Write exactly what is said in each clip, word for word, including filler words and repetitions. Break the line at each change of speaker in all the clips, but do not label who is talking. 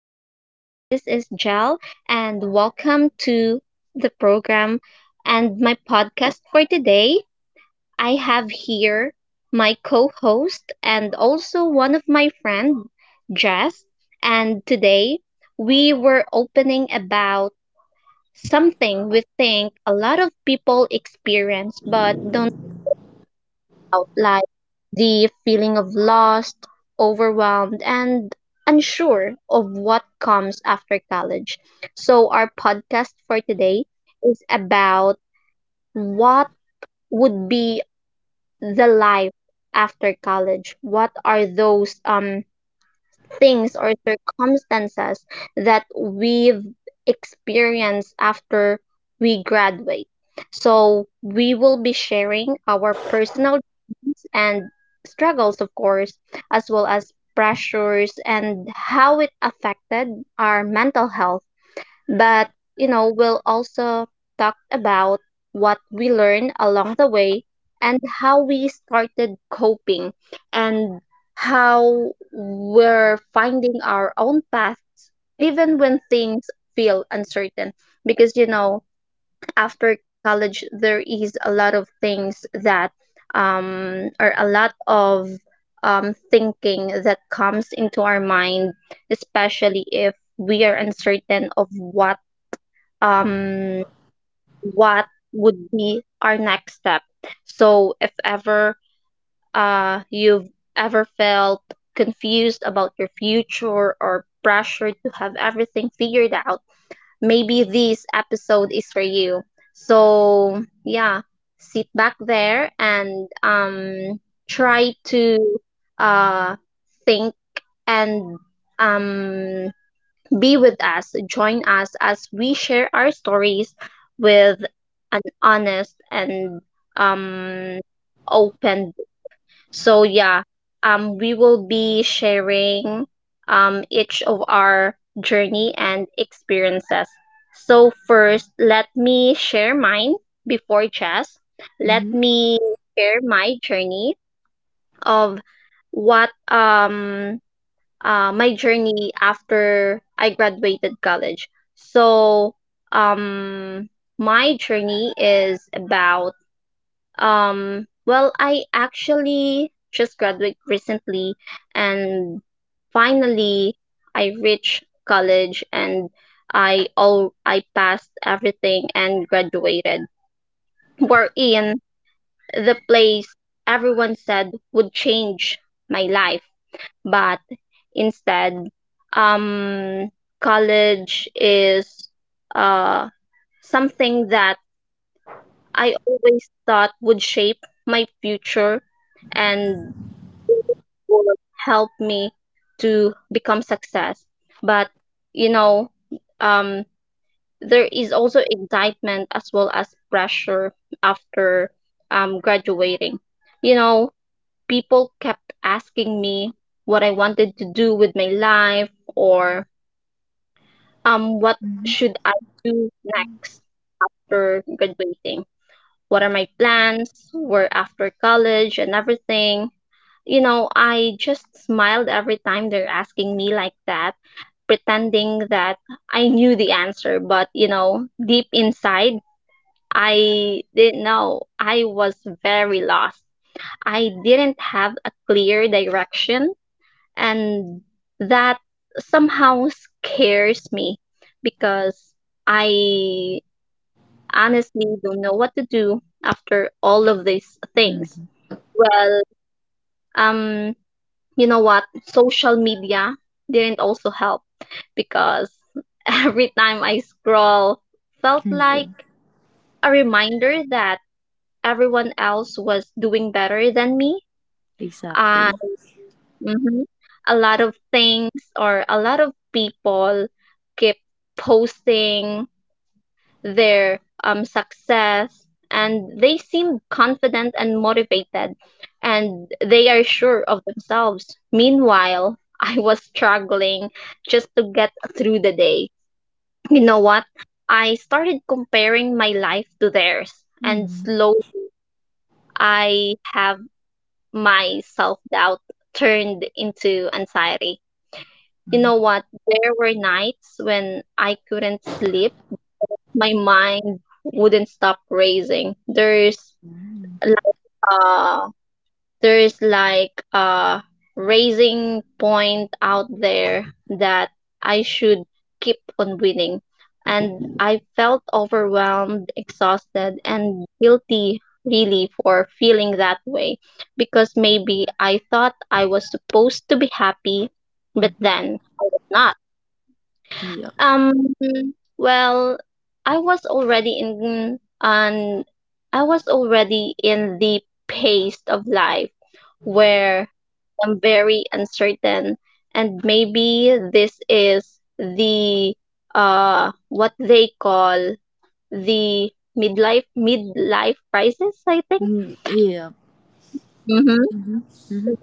uh, hi. This is Jel, and welcome to the program and my podcast for today. I have here my co-host and also one of my friend, Jess. And today we were opening about something we think a lot of people experience but don't out, like the feeling of lost, overwhelmed, and unsure of what comes after college. So, our podcast for today is about what would be the life after college. What are those um, things or circumstances that we've experienced after we graduate? So, we will be sharing our personal and struggles, of course, as well as pressures and how it affected our mental health. But, you know, we'll also talk about what we learned along the way and how we started coping and how we're finding our own paths even when things feel uncertain, because you know after college there is a lot of things that um or a lot of um thinking that comes into our mind, especially if we are uncertain of what um what would be our next step. So if ever uh you've ever felt confused about your future or pressured to have everything figured out, maybe this episode is for you. So, yeah, sit back there and um try to uh think and um be with us, join us as we share our stories with an honest and um open. So yeah, um, we will be sharing um, each of our journey and experiences. So first, let me share mine before Jess. Let
Mhm,
me share my journey of what um uh, my journey after I graduated college. So um my journey is about um, well, I actually just graduated recently, and finally I reached college and I all I passed everything and graduated. We're in the place everyone said would change my life, but instead, um, college is uh something that I always thought would shape my future and would help me to become success. But you know, um, there is also excitement as well as pressure after um, graduating. You know, people kept asking me what I wanted to do with my life, or um, what
mhm,
should I do next after graduating, what are my plans, where after college and everything. You know, I just smiled every time they're asking me like that, pretending that I knew the answer, but you know, deep inside, I didn't know. I was very lost. I didn't have a clear direction, and that somehow scares me because I honestly don't know what to do after all of these things.
mhm.
Well, um, you know what? Social media didn't also help because every time I scroll felt like
Yeah,
a reminder that everyone else was doing better than me. Uh,
exactly.
mhm. A lot of things or a lot of people keep posting their um, success, and they seem confident and motivated and they are sure of themselves. Meanwhile, I was struggling just to get through the day. You know what? I started comparing my life to theirs, and
Mhm,
slowly I have my self-doubt turned into anxiety. You know
mhm,
what? There were nights when I couldn't sleep, my mind wouldn't stop raising. There's
mhm,
uh there's like a raising point out there that I should keep on winning. And I felt overwhelmed, exhausted, and guilty really for feeling that way, because maybe I thought I was supposed to be happy, but
mhm.
then I was not.
Yeah.
Um, well, I was already in on I was already in the pace of life where I'm very uncertain, and maybe this is the uh what they call the midlife midlife crisis, I think.
Ye- Yeah.
Mm-hmm.
Mhm, mhm,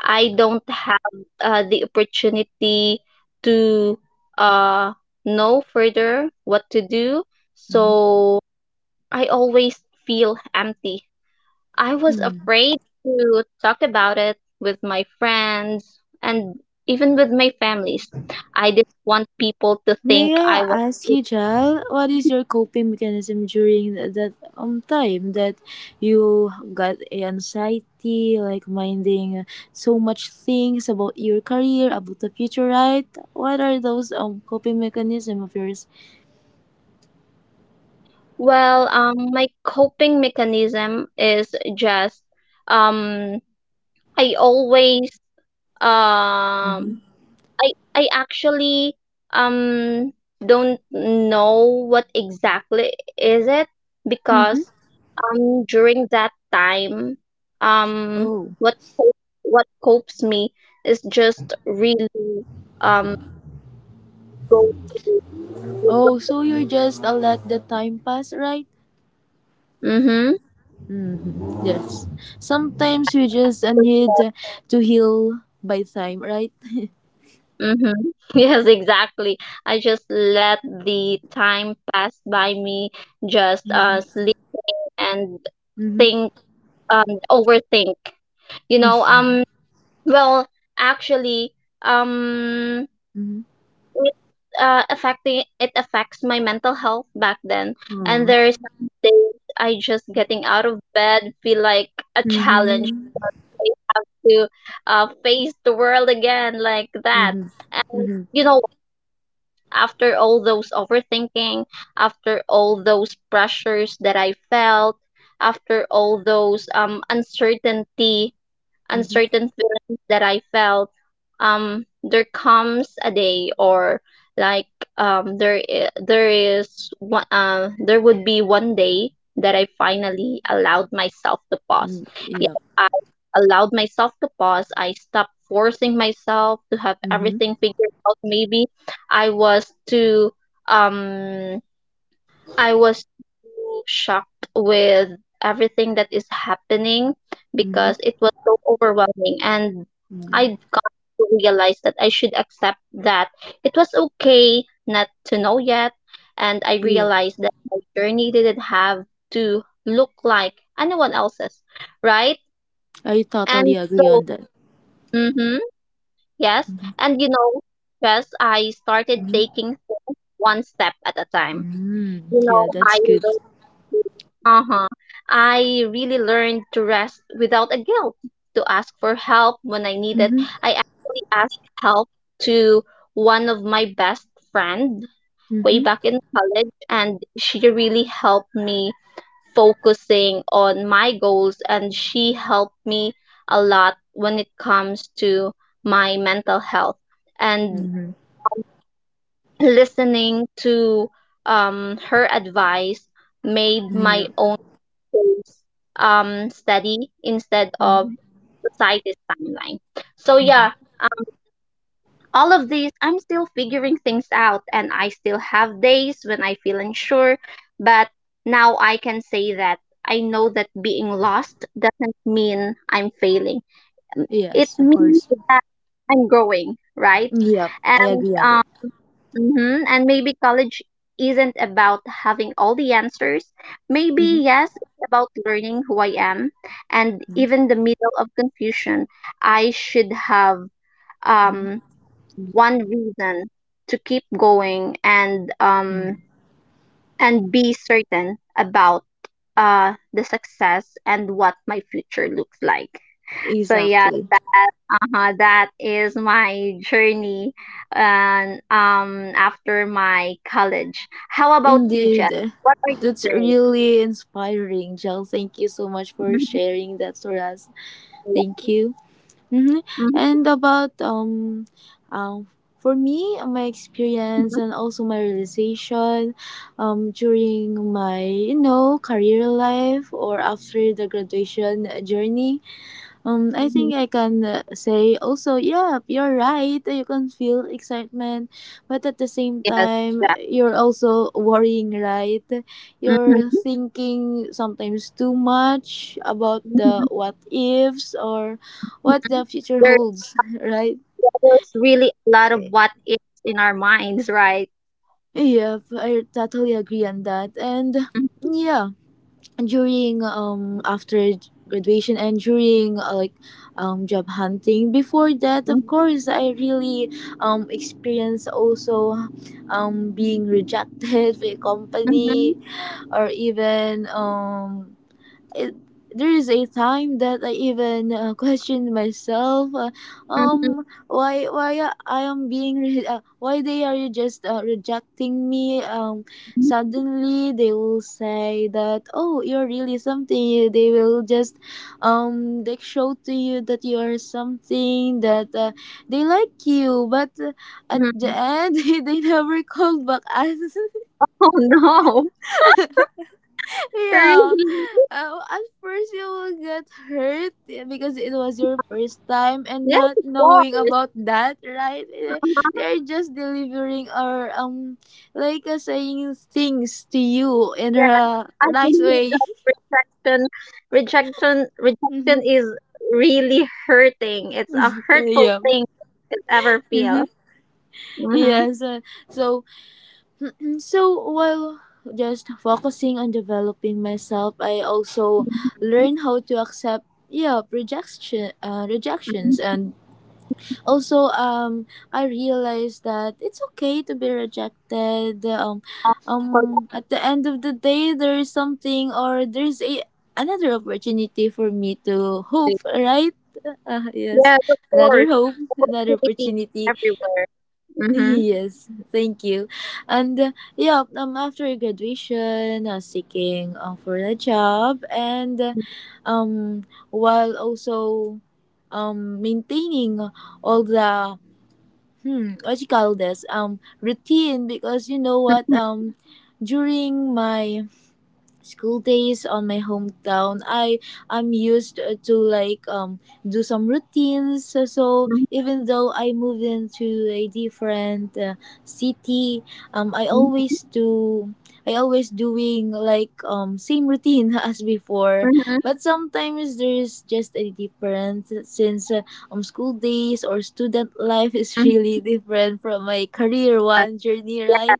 I don't have uh, the opportunity to uh, know further what to do.
mhm.
So I always feel empty. I was
Hmm.
afraid to talk about it with my friends and even with my families. I didn't want people to think
May
I
I
was.
ask you, Jal, what is your coping mechanism during th- that um time that you got anxiety, like minding so much things about your career, about the future, right? What are those um coping mechanism of yours?
Well, um, my coping mechanism is just um, I always
Mm-hmm.
um, I I actually um don't know what exactly is it,
Mm-hmm.
because um during that time um
Oh.
what co- what copes me is just really um go.
Oh, so you just uh, let the time pass, right?
Mm-hmm.
Hmm. Yes. Sometimes we just uh, need to heal by time, right?
Mm-hmm. Yes, exactly. I just let the time pass by me, just uh
Mm-hmm.
sleep and
Mm-hmm.
think, um overthink. You know, um well, actually, um
Mm-hmm.
it, uh affecting it affects my mental health back then. And
Oh.
there is some days I just getting out of bed feel like a challenge,
Mm-hmm.
I have to uh face the world again like that.
Mm-hmm.
And
Mm-hmm.
you know after all those overthinking, after all those pressures that I felt, after all those um, uncertainty
Mm-hmm.
uncertain feelings that I felt, um, there comes a day, or like um there I- there is one uh, there would be one day that I finally allowed myself to pause.
Mm,
Yes,
yeah.
I allowed myself to pause. I stopped forcing myself to have
Mm-hmm.
everything figured out. Maybe I was too um I was so shocked with everything that is happening, because
Mm-hmm.
it was so overwhelming, and
Yeah.
I got to realize that I should accept that it was okay not to know yet, and I
Yeah.
realized that my journey didn't have to look like anyone else's, right?
I totally
And
agree
so,
on that.
mhm, yes. And you know, yes, I started
Mm-hmm.
taking things one step at a time.
Mm-hmm.
You know,
Yeah,
I
that's good.
Uh-huh. I really learned to rest without a guilt, to ask for help when I need it.
Mm-hmm.
I actually asked help to one of my best friend way
Mm-hmm.
back in college, and she really helped me focusing on my goals, and she helped me a lot when it comes to my mental health. And
Mm-hmm.
listening to um, her advice made my
Yeah.
own tools um, study instead
Mm-hmm.
of society's timeline. So
Mm-hmm.
yeah, um, all of these, I'm still figuring things out and I still have days when I feel unsure, but now I can say that I know that being lost doesn't mean I'm failing. It
Yes, of
means
course.
that I'm growing, right?
Yep, I
And
agree on
um hmm And maybe college isn't about having all the answers. Maybe,
that.
yes, it's about learning who I am. And even the middle of confusion, I should have um,
Mm-hmm.
one reason to keep going, and um, and be certain about uh, the success and what my future looks like. So yeah,
Exactly.
that, uh-huh, that is my journey and um after my college. How about you, Jess?
Indeed.
What are
That's
your journeys?
really inspiring, Jill. Thank you so much for
Mhm.
sharing that for us.
Yeah.
Thank you. Hmm.
Mhm.
And about um, um, for me, my experience and also my realization, um, during my, you know, career life or after the graduation journey. Um, I
Mhm.
think I can uh, say also, yeah, you're right. You can feel excitement, but at the same
Yes,
time,
yeah.
you're also worrying, right? You're
Mhm.
thinking sometimes too much about the
Mhm.
what ifs or what the future
There,
holds, right?
there's really a lot of what ifs in our minds, right?
Yep, I totally agree on that. And
Mhm.
yeah, during um after graduation and during uh, like um job hunting, before that, of
Mhm.
course I really um experienced also um being rejected by a
Mhm.
company, or even um it, there is a time that I even uh, questioned myself. Uh, um, why why I am being re- uh, why they are just uh, rejecting me? Um,
Mhm.
suddenly they will say that, oh, you're really something. They will just, um they show to you that you are something that, uh, they like you, but uh, at the
Mhm.
end they never called back us.
Oh no, really?
Yeah. Uh, at first, you will get hurt, yeah, because it was your first time and
Yes,
not
of
knowing
course.
about that, right? Eh, They
Uh-huh.
are just delivering, or, um, like uh, saying things to you in a
I
nice
believe
way.
that rejection, rejection,
Mm-hmm.
rejection is really hurting. It's a hurtful
Yeah.
thing to ever
Mm-hmm.
feel. Mm-hmm.
Yes. uh, so mm, so while just focusing on developing myself, I also learn how to accept, yeah, rejection, uh, rejections,
Mm-hmm.
and also um I realized that it's okay to be rejected. Um um at the end of the day, there is something, or there's a another opportunity for me to hope, right? Uh, yes,
Yes, of course.
another hope, another
Opportunity
opportunity.
everywhere. Mm-hmm.
Yes, thank you. And uh, yeah, um after graduation, uh, seeking uh, for a job, and uh, um while also um maintaining all the, hmm, what you call this, um routine. Because you know what, um during my school days on my hometown, i i'm used uh, to, like, um do some routines, so, so
Mm-hmm.
even though I moved into a different uh, city, um i always do I always doing, like, um same routine as before.
Mm-hmm.
But sometimes there's just a difference, since uh, um school days or student life is
Mm-hmm.
really different from my career one journey, right?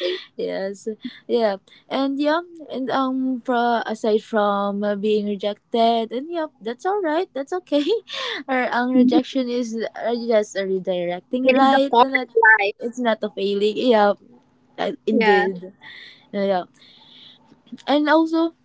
Exactly.
Yes, yeah. And yeah, and um, pro aside from uh, being rejected, and yeah, that's all right, that's okay. Or um,
Mhm.
rejection is uh, just a redirecting,
It is
right?
a part
And that,
of life.
it's not a failing. Yeah, uh,
Yeah.
indeed. Yeah, and also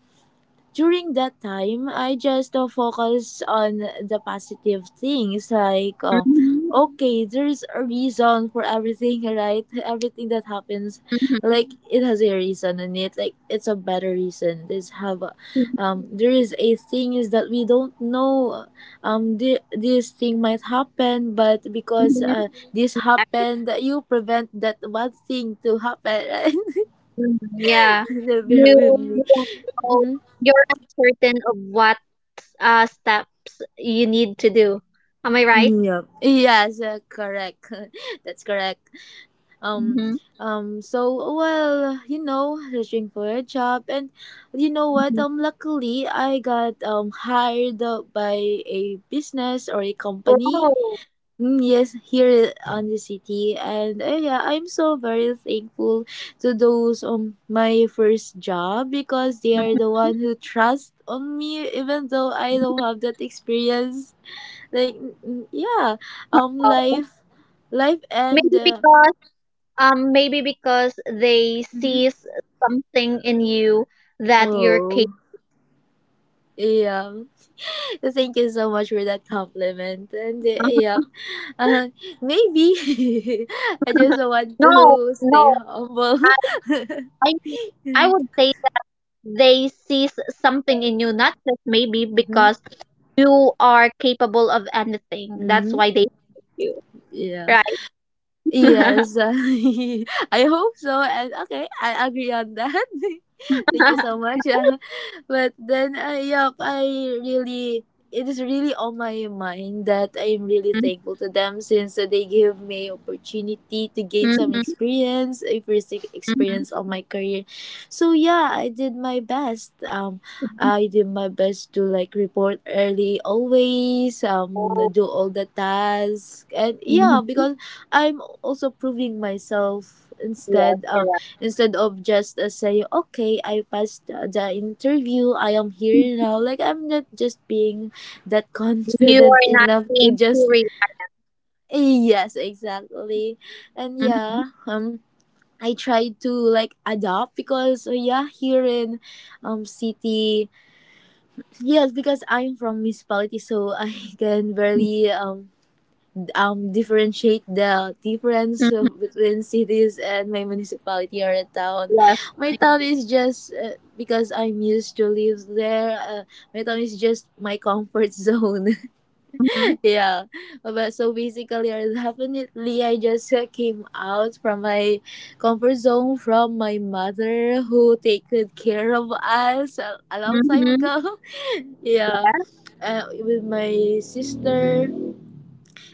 during that time I just uh, focus on the positive things, like, uh,
Mm-hmm.
okay, there's a reason for everything, right? Everything that happens,
Mm-hmm.
like, it has a reason in it, like, it's a better reason. There's have a, um there is a thing is that we don't know, um th- this thing might happen, but because
Mm-hmm.
uh, this happened, you prevent that one thing to happen, right?
Mm, yeah.
Bear with
You
me.
you don't know, you're uncertain of what uh steps you need to do. Am I right?
Yep. Yes, uh, correct. That's correct. Um,
Mm-hmm.
um. So, well, you know, searching for a job, and you know what? Um, luckily, I got um hired uh, by a business or a
Oh,
company.
wow.
Mm, yes, here on the city, and uh, yeah, I'm so very thankful to those, um my first job, because they are the one who trust on me, even though I don't have that experience, like, mm, mm, yeah, um
Wow.
life life and
Maybe
uh,
because um maybe because they
Mhm.
see something in you that you're
Oh,
capable.
yeah. Thank you so much for that compliment. And uh, yeah, uh, maybe, I just want
No,
to
no.
stay humble.
I I think- I would say that they see something in you, not just maybe
Hmm.
because you are capable of anything. That's
Hmm.
why they like you.
Yeah.
Right.
Yes, I hope so. And, okay, I agree on that. Thank you so much. Uh, But then, uh, yep, I really, it is really on my mind that I'm really thankful to them, since uh, they give me opportunity to gain
Mhm,
some
mhm,
experience, a first e-
mhm.
experience of my career. So yeah, I did my best. Um, I did my best to, like, report early always. Um,
Oh,
do all the tasks, and yeah,
mhm.
because I'm also proving myself,
Yes,
instead um
correct.
instead of just uh, saying, okay, I passed uh, the interview, I am here now, like, I'm not just being that
You
confident
are not
enough to
being
just...
serious.
Yes, exactly. And
Mhm,
yeah, um I try to, like, adapt, because, uh, yeah, here in, um city, yes, because I'm from municipality, so I can barely, um um differentiate the difference
mhm.
of- between cities and my municipality or a town.
Yes.
My town is just uh, because I'm used to live there. Uh, my town is just my comfort zone.
Mhm,
Yeah, but so basically, or definitely, I just uh, came out from my comfort zone, from my mother who take good care of us a, a long time
mhm.
ago. Yeah,
Yeah.
uh, with my sister.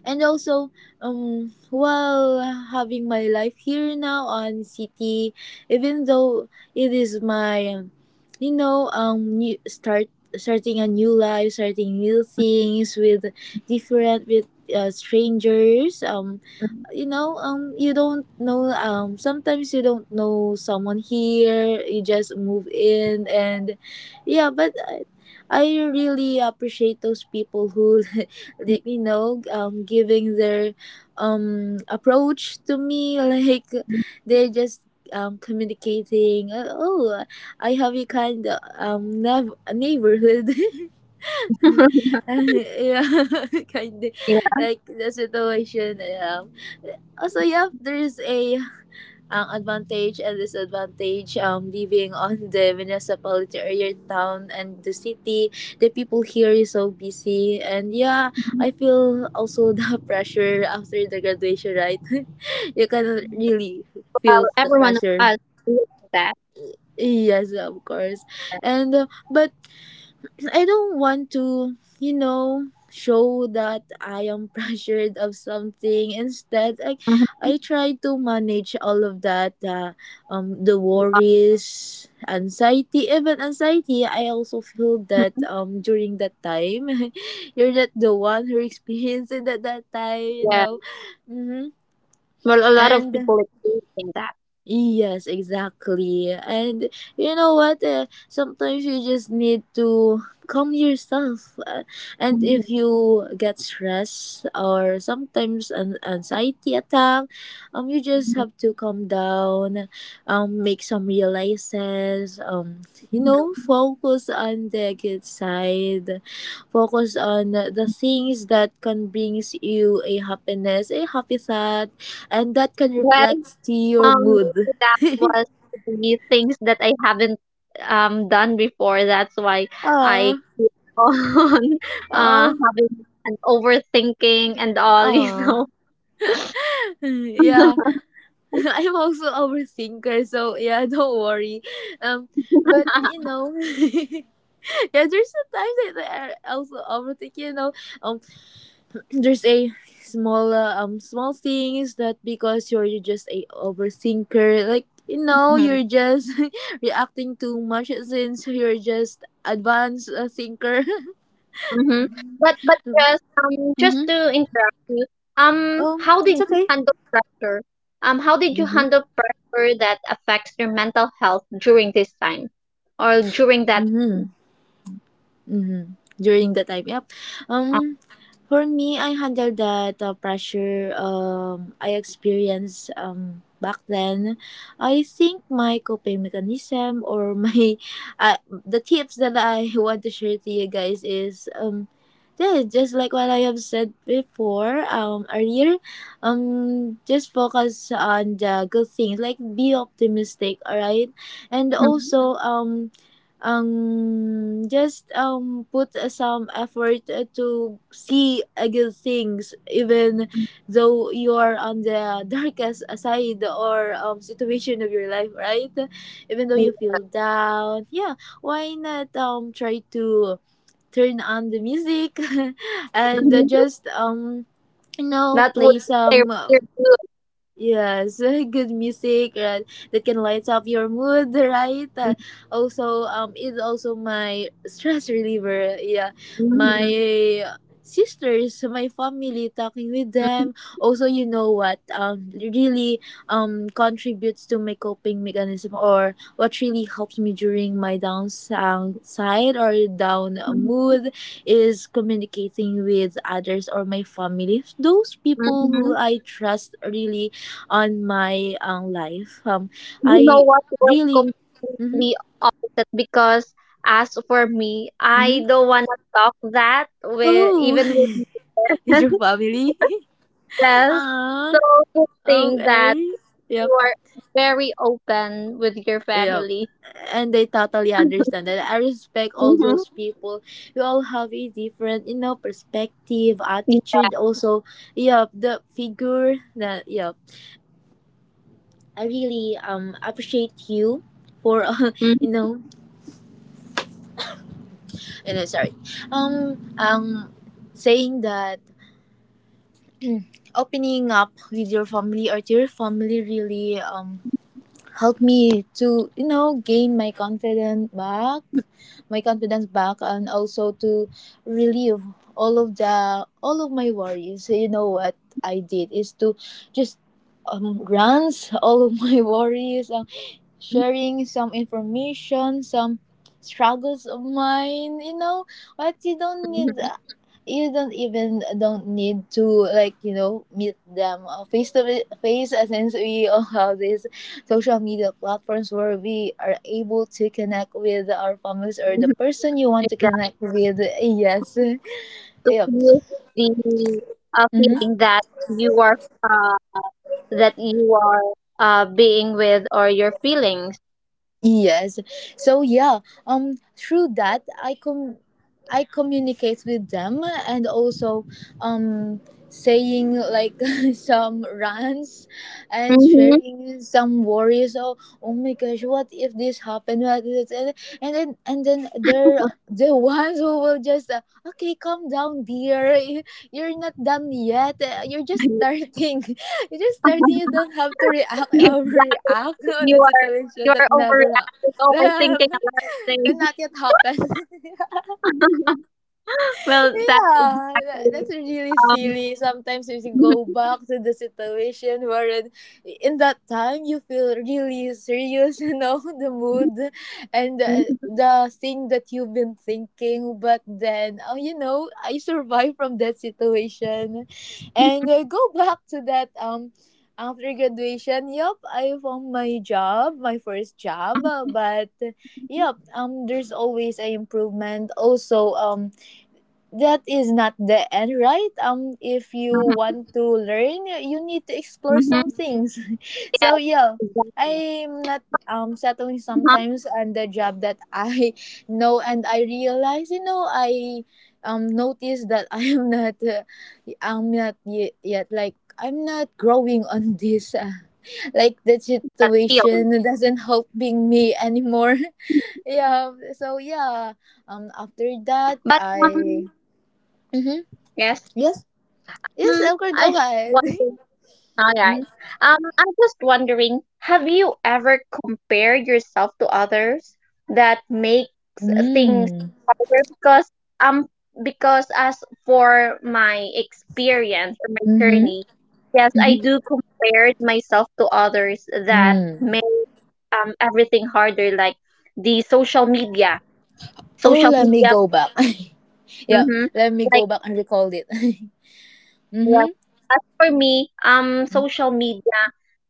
And also, um while having my life here now on city, even though it is my, you know um new start, starting a new life, starting new things, with different, with uh, strangers, um you know um you don't know, um sometimes you don't know someone here, you just move in. And yeah, but I, I really appreciate those people who like, you know um giving their, um approach to me, like, they're just, um communicating, uh, oh, I have a kind of, um nav- neighborhood. Yeah, kind of
Yeah.
like the situation. Um also, yeah, there's a, ang advantage and disadvantage, um living on the municipality or your town and the city. The people here is so busy, and yeah, I feel also the pressure after the graduation, right? You cannot really
Well,
feel the
every one of
pressure.
us believes that.
Yes, of course. And uh, but I don't want to, you know, show that I am pressured of something. Instead, I,
Mhm.
I try to manage all of that, uh, um, the
Yeah.
worries, anxiety, even anxiety. I also feel that
Mhm.
um during that time, you're not the one who experienced it at that time, you
Yeah.
know. Mm-hmm.
Well, a lot of people
And...
are believing that.
Yes, exactly. And you know what? Uh, sometimes you just need to calm yourself. Uh, and
Mhm,
if you get stressed, or sometimes an anxiety attack, um, you just
mhm,
have to calm down, um, make some realizes, um, you know,
mhm.
focus on the good side, focus on the things that can brings you a happiness, a happy thought, and that can
Well,
reflect to your
Um,
mood.
maybe that was the things that I haven't um done before. That's why I
Oh,
keep on uh
oh,
having an overthinking and all, you
oh,
know.
yeah. I'm also overthinker, so yeah, don't worry. Um, but you know, yeah, there's a time that I also overthink. You know, um, there's a small, uh, um, small things that, because you're you're just a overthinker, like. You know,
Hmm.
you're just reacting too much since you're just advanced, uh, thinker.
Mm-hmm. But but just um just
Hmm.
to interrupt you, um
嗯，
how
你
did
这个，
you handle pressure? Um how did
嗯
you
哼，
handle pressure that affects your mental health during this time or during that
嗯哼。Mm-hmm. During the time, yep.
um,
Um, for me, I handled that uh, pressure, um, I experienced um, back then. I think my coping mechanism, or my uh, the tips that I want to share to you guys is, um, yeah, just like what I have said before, um, earlier, um, just focus on the good things, like be optimistic, alright. And
Mhm.
also, um um just um put uh, some effort uh, to see uh, good things, even though you are on the darkest side or um situation of your life, right? Even though you
Mhm.
feel down, yeah, why not um try to turn on the music and uh, just, um you know
that would
play
say.
some... Yes, good music uh, that can light up your mood, right? Uh, also, um, it's also my stress reliever. Yeah, my sisters, my family, talking with them. Also, you know what? Um, really, um, contributes to my coping mechanism, or what really helps me during my down sound side or down
Mhm,
mood, is communicating with others or my family. Those people who
mhm.
I trust really on my own life. Um,
You know
I
what was
really. Mm-hmm,
completely opposite, because as for me,
mm-hmm.
I don't want to talk that with
Oh,
even with my
is your
parents.
family?
Yes.
Ah,
So good thing that
okay. Yep,
you are very open with your
yep.
family.
And they totally understand that. I respect all
Mm-hmm.
those people. We all have a different, you know, perspective, attitude. Also, yep, the figure that, yep. I really um appreciate you for uh, you
Mm-hmm.
know, you know, sorry, um, um, saying that opening up with your family or to your family really um helped me to you know gain my confidence back my confidence back and also to relieve all of the all of my worries. So you know what I did is to just um grants all of my worries, uh, sharing some information, some struggles of mine. You know what? You don't need.
Mm-hmm.
You don't even don't need to, like, you know meet them uh, face to fa- face, uh, since we all have these social media platforms where we are able to connect with our families or the
Mm-hmm.
person you want to
Exactly.
connect with. Yes.
To
Yep.
feel The uh, feeling that you are uh, that you are uh, being with, or your feelings.
Yes. So yeah, um through that I com I communicate with them, and also um saying like some rants and
Mm-hmm.
sharing some worries. Oh, oh my gosh, what if this happened? What is it? And and then and then they're the ones who will just uh, okay, calm down, dear. You're not done yet. Uh, you're just starting. You just starting. You don't have to react, or
Exactly.
react on
You
the
are you
situation that
are
never ha-
overreacting,
that,
overthinking a lot of
that
things.
not yet happened.
Well, that's
Yeah, that, that's
exactly
really
um.
silly. Sometimes if you go back to the situation wherein in that time you feel really serious, you know, the mood and the, the thing that you've been thinking. But then, oh, you know, I survived from that situation. And uh, go back to that. Um after graduation, yup, I found my job, my first job. uh, But yup, um, there's always a improvement. Also, um that is not the end, right? Um if you want to learn, you need to explore some
Mm-hmm.
things. So
Yes,
yeah,
exactly.
I'm not um settling
Uh-huh.
sometimes on the job that I know, and I realize, you know, I um notice that I am not uh, I'm not y- yet, like I'm not growing on this, uh, like the
That's
situation
healed.
doesn't helping me anymore. Yeah, so yeah, um after that
But
I.
um,
Mhm.
yes.
Yes. Yes,
Um,
Elgar,
I
go
just
ahead.
wonder. All
Mm.
right. Um, I'm just wondering. Have you ever compared yourself to others that makes things,
Mm.
because um because as for my experience or my
Mm-hmm.
journey, yes,
Mm-hmm.
I do compare myself to others that
Mm.
make um everything harder, like the social media.
Oh,
Social
let me
media,
go back. Yeah,
mm-hmm.
let me go
Like
back and recall it.
yeah,
Mm-hmm.
for me, um, social media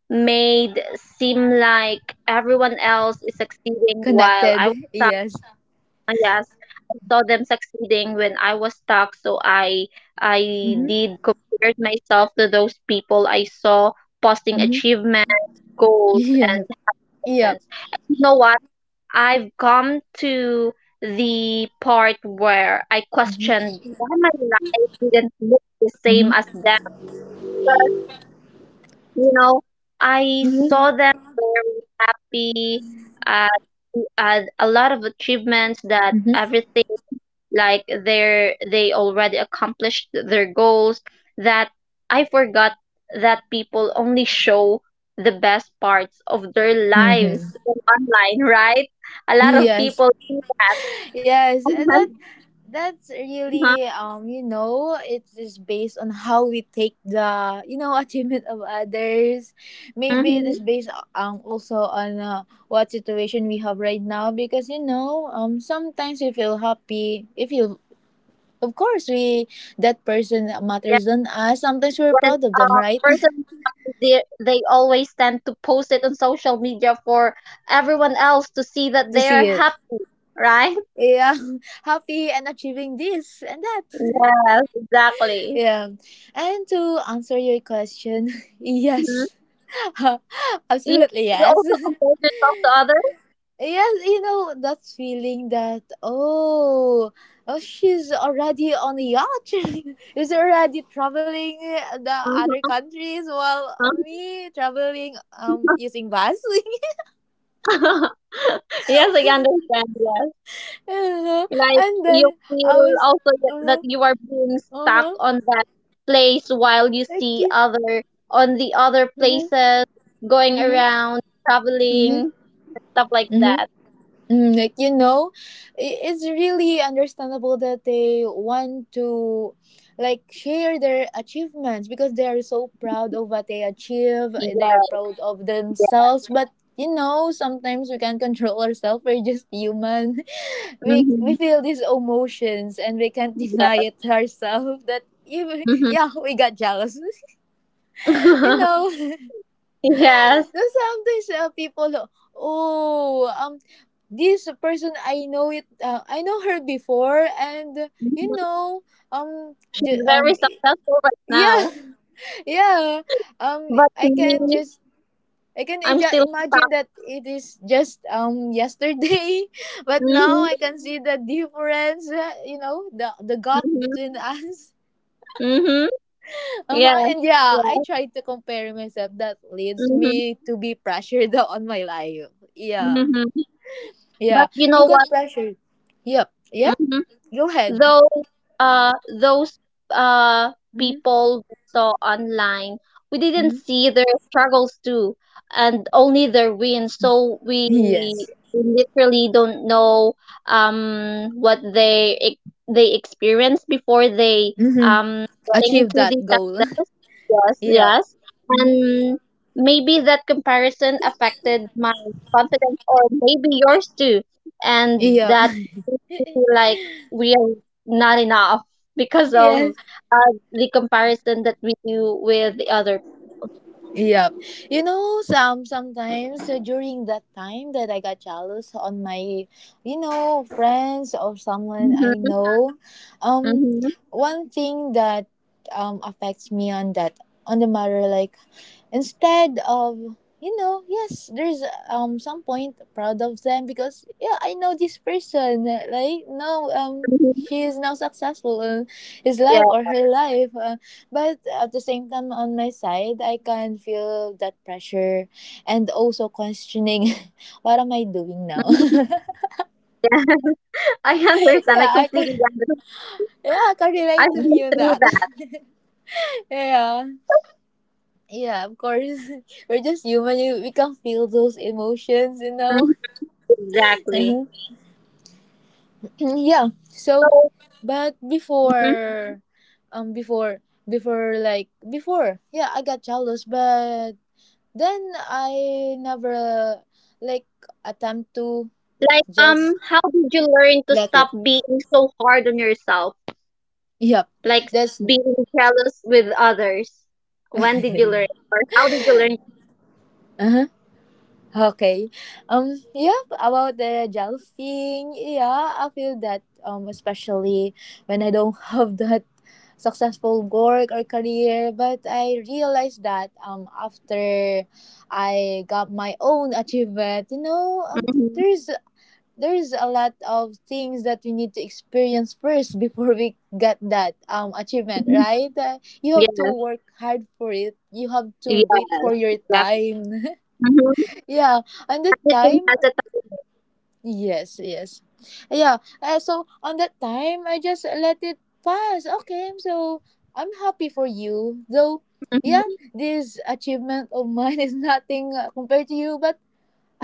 made seem like everyone else is succeeding while
Connected.
I
Yes.
Yes, I saw them succeeding when I was stuck, so I I
Mm-hmm.
did compared myself to those people I saw posting
Mm-hmm.
achievement goals and
Yeah. Yeah.
achievements. And you know what? I've come to the part where I
Mm-hmm.
questioned why my life didn't look the same as
Mm-hmm.
them. You know, I
Mm-hmm.
saw them very happy, uh, had a lot of achievements, that
Mm-hmm.
everything like they're they already accomplished their goals, that I forgot that people only show the best parts of their lives
Mm-hmm.
online, right? A lot of
Yes.
people.
Yes, and that,
uh
that's really um you know, it is based on how we take the, you know, achievement of others. Maybe it
Mhm.
is based um also on, uh, what situation we have right now, because you know um sometimes we feel happy if you, of course we, that person
Yeah.
matters than us. Sometimes we're
When
proud of them,
uh,
right?
person, they, they always tend to post it on social media for everyone else to see that
To
they are
see it.
happy, right?
Yeah. Happy and achieving this and that.
Yes, exactly.
Yeah. And to answer your question,
Mhm.
yes.
you,
Absolutely
you
yes.
also compare yourself to others.
Yes, you know that feeling that, oh, oh she's already on a yacht, is already traveling the other
Mm-hmm.
countries while me traveling um using bus.
Yes, I understand. Yes,
Uh-huh.
like
And
you
then I
feel
was,
also that
uh
that
huh,
you are being
uh
stuck
huh,
on that place while you
like,
see other on the other
uh
places going
huh,
around,
uh
traveling, stuff like
huh.
that.
Mm, like you know, i- it's really understandable that they want to like share their achievements because they are so proud of what they achieve. They are
Yeah.
proud of themselves. But you know, sometimes we can't control ourselves. We're just human. We we
Mm-hmm.
feel these emotions and we can't deny it ourselves. That even,
Mm-hmm.
yeah, we got jealous. You know.
Yes.
There's sometimes, uh, people, oh, um, this person I know it, uh, I know her before, and uh, you
Mhm.
know, um,
She's
ju-
very
um,
successful right
yeah,
now,
yeah, um,
but
I can
me,
just. I can
I'm
ija-
still stuck.
imagine that it is just um yesterday, but
Mm-hmm.
now I can see the difference. uh, You know the the gap
Mm-hmm.
between us.
Mm-hmm. Yeah.
Uh-huh. And yeah, I
Yeah.
try to compare myself. That leads
Mm-hmm.
me to be pressured on my life. Yeah.
Mm-hmm. But
Yeah,
you know
you got
what?
pressured. Yep. Yep.
Mhm.
Go ahead.
Though uh, those uh,
Mm-hmm.
people we saw online, we didn't
Mm-hmm.
see their struggles too, and only their wins. So we, we
Yes.
literally don't know um, what they ex- they experienced before they,
Mm-hmm.
um, getting
Achieve
into
that
the
goal.
success. Yes,
Yep.
yes,
Mm-hmm.
and maybe that comparison affected my confidence, or maybe yours too, and
Yep.
that made me feel like we not enough because of
Yes.
uh, the comparison that we do with the other.
Yep. You know, some sometimes, uh, during that time that I got jealous on my, you know, friends or someone I
Hmm.
know, um,
Hmm.
one thing that um affects me on that, on the matter, like instead of, you know, yes, there's um some point proud of them, because yeah, I know this person, uh, like now um
Hmm.
she is now successful in his
Yeah,
life or her life, uh, but at the same time, on my side, I can feel that pressure and also questioning, what am I doing now?
I understand. I
Yeah, I
completely
can.
understand.
Yeah, I can relate
I've
to
been
you on
through
that.
that.
Yeah, yeah. Of course, we're just human. you- We can feel those emotions, you know.
Mhm. Exactly.
Mhm. Yeah.
So,
So, but
mhm.
before, um, before, before, like before, yeah, I got jealous, but then I never like attempt to
Like,
just
um, how did you learn to
let it.
stop being so hard on yourself?
Yep.
Like
That's.
being jealous with others. When did you learn, or how did you learn?
Uh-huh. Okay. Um yep, about the gel thing, yeah, I feel that um especially when I don't have that successful work or career. But I realized that um after I got my own achievement, you know, um
Hmm.
there's there's a lot of things that we need to experience first before we get that um achievement, right? Uh, you have to
Yes.
work hard for it, you have to wait
Yes.
for your
Exactly.
time.
Hmm.
Yeah, and the
Everything
time.
has a
Yes, yes, yeah. Uh, so on that time I just let it pass. Okay, so I'm happy for you, though.
time.
Yeah, this achievement of mine is nothing, uh, compared to you, but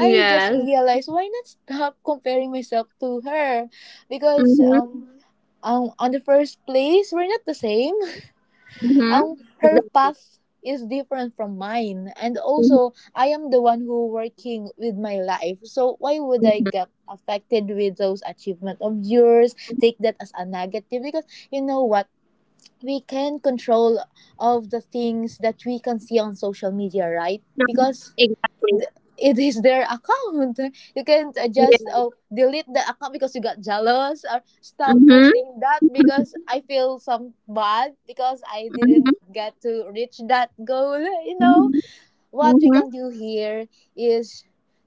I just realized, why not stop comparing myself to her? Because
Mhm.
um um on the first place we're not the same.
Mhm.
Um her
Exactly.
path is different from mine, and
Mhm.
also I am the one who working with my life, so why would I get affected with those achievement of yours, take that as a negative? Because, you know what, we can control of the things that we can see on social media, right?
Mhm.
Because
Exactly.
th- it is their account. You can't uh, just,
Yeah.
oh, delete the account because you got jealous, or stop
Mhm.
posting that
Mhm.
because I feel some bad because I didn't get to reach that goal. You know
Mhm.
what we
Mhm.
can do here is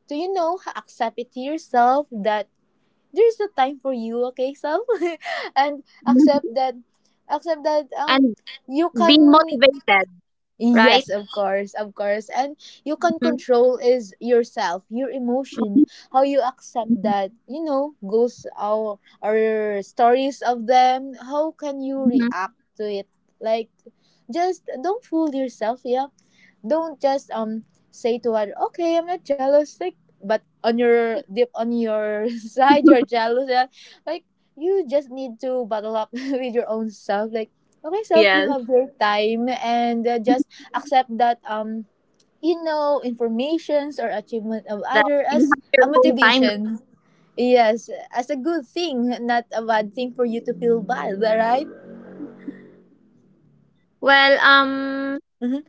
to, you know, accept it to yourself that there's a time for you, okay, self, and accept
Mhm.
that, accept that um
And
you
being
can.
motivated, right?
Yes, of course, of course. And you can
Mhm.
control is yourself, your emotion, how you accept
Mhm.
that, you know, goes our or stories of them. How can you
Mhm.
react to it? Like, just don't fool yourself. Yeah, don't just um say to other, okay, I'm not jealous, like, but on your deep on your side you're jealous, yeah? Like, you just need to bottle up with your own self, like, okay self, you
Yes.
have your time and, uh, just accept that um you know informations or achievement of
That
other
you
as
have your
a
own time.
motivation, yes, as a good thing, not a bad thing for you to feel bad, right?
Well, um,
Mm-hmm,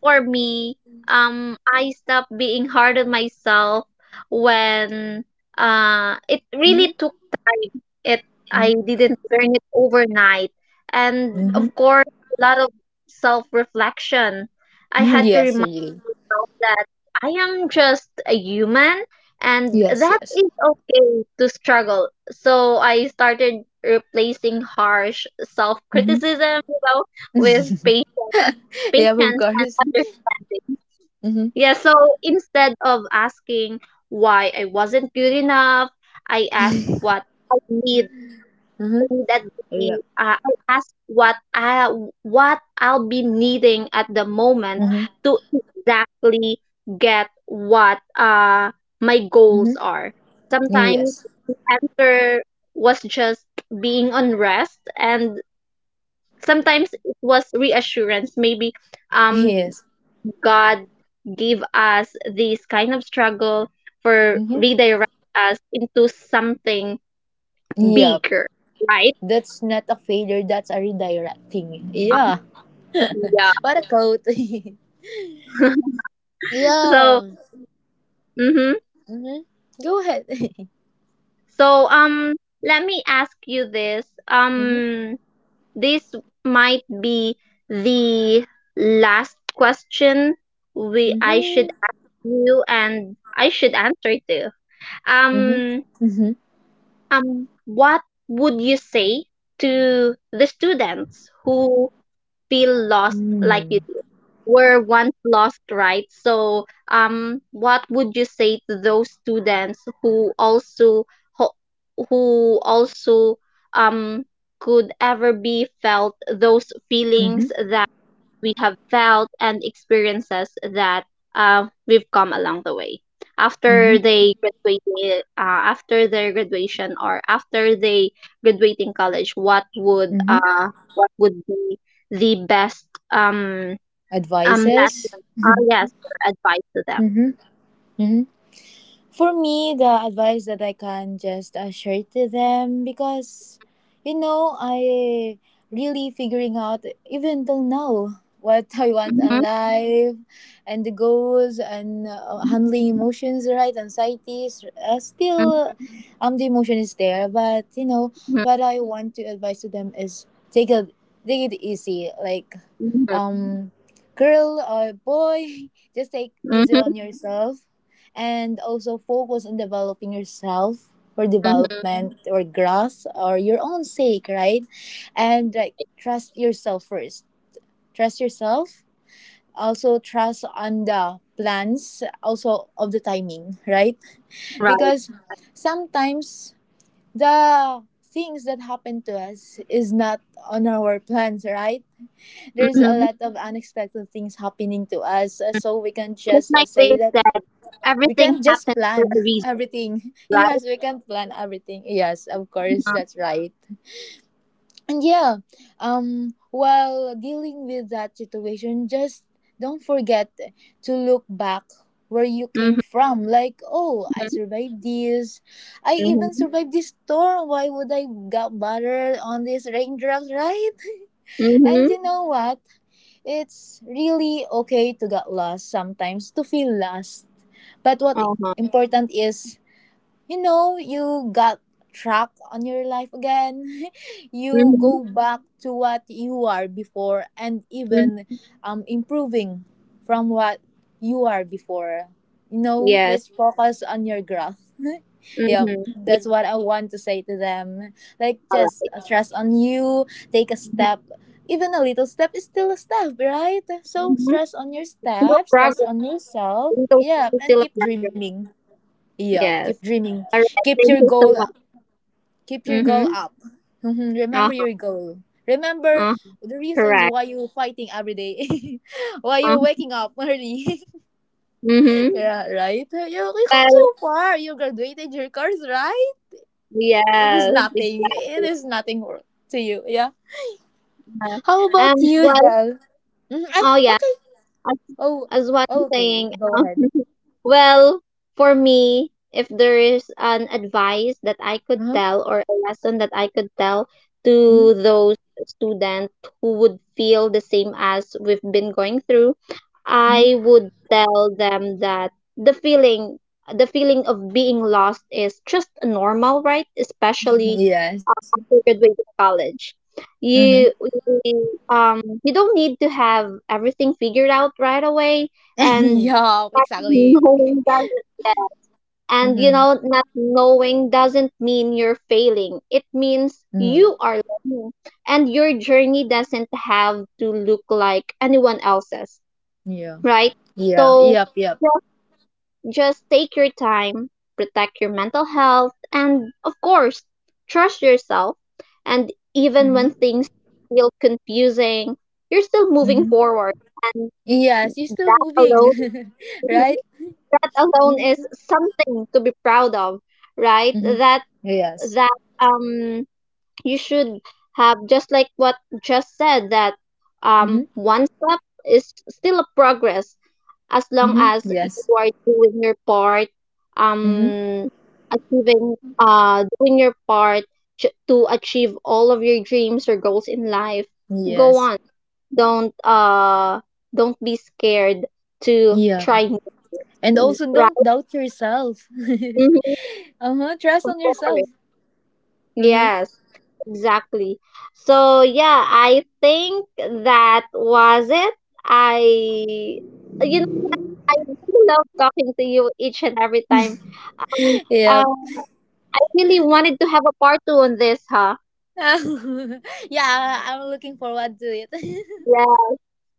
for me, um, I stopped being hard on myself when, uh, it really
mm-hmm,
took time. It I
mm-hmm.
didn't learn it overnight, and
Mm-hmm.
of course, a lot of self reflection. I had to
Yes,
remind
really.
myself that I am just a human, and
Yes,
that
yes.
is okay to struggle. So I started replacing harsh self
Mm-hmm.
criticism, you know, with patience,
Yep, of
patience and
course.
understanding.
Mhm.
Yeah, so instead of asking why I wasn't good enough, I asked what I need
Mhm.
in that day.
Yep.
Uh, I asked what I what I'll be needing at the moment
Mhm.
to exactly get what uh my goals
Mhm.
are. Sometimes
Yes.
answer was just being on rest, and sometimes it was reassurance. Maybe
Yes.
um God give us this kind of struggle for
Mhm.
redirect us into something
Yep.
bigger, right?
That's not a failure. That's a redirecting.
Um,
Yeah.
yeah.
What a quote.
So,
Yeah.
mm-hmm.
Mhm. Go ahead.
So um, let me ask you this.
Mhm.
Um, this might be the last question we I
Mhm.
should ask you, and I should answer too.
Mhm.
Um,
Mhm.
um, what would you say to the students who feel lost like
Mhm.
you were once lost, right? So, um, what would you say to those students who also, ho- who also, um could ever be felt those
Mhm.
feelings that we have felt, and experiences that, uh, we've come along the way after
Mhm.
they graduated, uh, after their graduation or after they graduating college, what would
Mhm.
uh what would be the best um um
Advices.
lesson, uh, yes, or advice to them?
Mhm. Mhm. For me, the advice that I can just uh, share to them, because you know, I really figuring out even till now what I want in
Mm-hmm.
life, and the goals, and uh, handling emotions, right? Anxieties. Uh, still,
Mm-hmm.
um, the emotion is there, but you know, what I want to advise to them is, take a, take it easy. Like,
Mm-hmm.
um girl or boy, just take easy
Mm-hmm.
on yourself, and also focus on developing yourself for
Mm-hmm.
development or growth or your own sake, right? And like, trust yourself first, trust yourself also trust on the plans, also of the timing, right?
Right.
Because sometimes the things that happen to us is not on our plans, right? There's a
Mm-hmm.
lot of unexpected things happening to us, uh, so we can
Just
just uh,
like they
say that
said,
we
everything
can just
happens for a
plan
reason,
everything. Yes,
right?
we can plan everything, yes, of course,
Mm-hmm.
that's right. And yeah, um while dealing with that situation, just don't forget to look back where you came
Mm-hmm.
from, like, oh, I survived this, I even
Mm-hmm.
survived this storm, why would I got bother on these raindrops, right? And
Mhm.
you know what, it's really okay to get lost sometimes, to feel lost. But what
Uh-huh.
important is, you know, you got track on your life again. You
Mhm.
go back to what you are before, and
Mhm.
even um, improving from what you are before. You know,
Yes.
let's focus on your growth. Yeah,
Mhm. Yeah,
that's what I want to say to them. Like,
all
just
right.
trust on you, take a
Mhm.
step. Even a little step is still a step, right? So,
Mhm.
stress on your
Still a
steps, stress
progress.
on yourself.
Little things,
Yeah,
is
and
still a
keep
progress.
dreaming. Yeah, keep
Yes.
dreaming.
All right.
Keep your
Thank you
goal,
so much.
keep your goal
Mhm.
up. Mhm, remember
Uh-huh.
your goal. Remember
Uh-huh.
the reasons
Correct.
why you're fighting every day, why you're
Uh-huh.
waking up early.
Mhm.
Yeah, right? You, you come
Well,
so far. You graduated your course, right? It is
yes.
nothing. It
Exactly.
is nothing to you. Yeah.
Uh-huh.
How about
Um.
you,
Well.
Jel? Mm, ay,
Oh, yeah.
okay. Oh,
As what I'm
okay.
saying,
Go
um,
ahead.
well, for me, if there is an advice that I could
Uh-huh.
tell or a lesson that I could tell
Mm,
to those students who would feel the same as we've been going through,
mm.
I would tell them that the feeling the feeling of being lost is just normal, right? Especially
Yes.
after graduating college.
Mm-hmm.
You, you um you don't need to have everything figured out right away. And
Yeah, exactly.
knowing doesn't yeah, and you
Mm-hmm.
know not knowing doesn't mean you're failing. It means
Mm, yeah.
you are learning, and your journey doesn't have to look like anyone else's,
Yeah.
right?
Yeah.
So
Yep. Yep.
just take your time, protect your mental health, and of course, trust yourself. And even when
Mm-hmm.
things feel confusing, you're still moving
Mm-hmm.
forward. And
Yes, you're still
that alone,
moving, right?
that alone
Mm-hmm.
is something to be proud of, right?
Mm-hmm.
That
Yes.
that um you should have, just like what just said, that um
Mm-hmm.
one step is still a progress, as long as
Mm-hmm.
you
Yes.
are doing your part,
Mm-hmm.
um achieving, uh doing your part, ch- to achieve all of your dreams or goals in life. Go
Yes.
on, don't uh don't be scared to
Yeah.
try new
And
things,
also
right?
don't doubt yourself.
Mhm,
Uh-huh. Trust
of
on yourself.
course.
Uh-huh.
Yes, exactly. So yeah, I think that was it. i you I really love talking to you each and every time. Um, uh,
Yep.
I really wanted to have a part two on this, huh?
Yeah, I'm looking forward to it.
Yeah,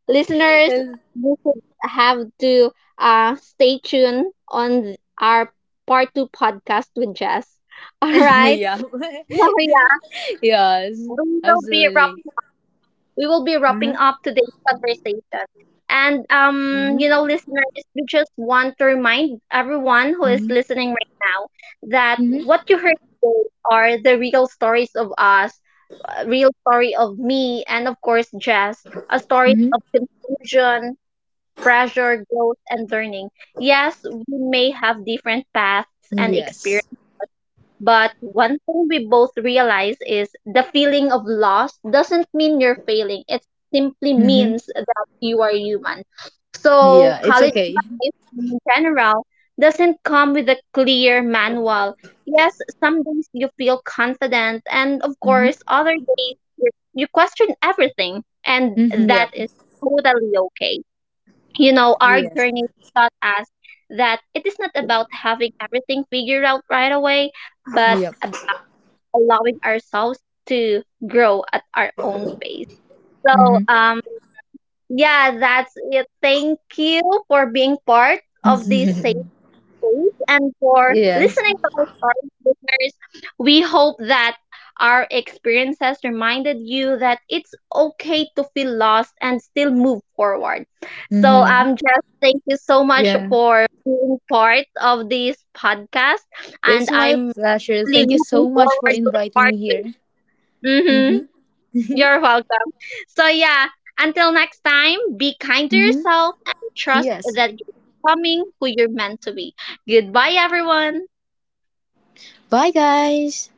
listeners,
Yes.
you should have to, uh, stay tuned on our part two podcast with Jess. All right,
Yeah.
so yeah,
Yes.
we will be wrapping.
Absolutely.
we will be
Uh-huh.
wrapping. Up today's conversation. And, um,
Mm-hmm.
you know, listeners, we just want to remind everyone who is
Mm-hmm.
listening right now that what
Mm-hmm.
you heard today are the real stories of us, a real story of me, and of course, Jess, a story of
Mm-hmm.
confusion, pressure, growth, and learning. Yes, we may have different paths and experiences,
Yes.
but one thing we both realize is the feeling of loss doesn't mean you're failing. It simply
Mm-hmm.
means that you are human.
Yeah,
So
it's
college
okay.
life in general doesn't come with a clear manual. Yes, some days you feel confident, and of
Mm-hmm.
course other days you you question everything, and
Mm-hmm.
that
Yep.
is totally okay you know, Our
Yes.
journey taught us that it is not about having everything figured out right away, but
Yep.
ab- allowing ourselves to grow at our own pace. So,
Mm-hmm.
um, yeah, that's it. Thank you for being part of this space and for
Yes.
listening to our stories, listeners. We hope that our experiences reminded you that it's okay to feel lost and still move forward. So,
Mm-hmm.
um, Jeff, thank you so much
Yeah.
for being part of this podcast, and
It's my
I'm
pleasure.
really
Thank you
looking
so much for
forward to
inviting
part
me
two.
here.
Mm-hmm.
Mm-hmm.
You're welcome. So, yeah. Until next time, be kind to
Mm-hmm.
yourself and trust
Yes.
that you're becoming who you're meant to be. Goodbye, everyone.
Bye, guys.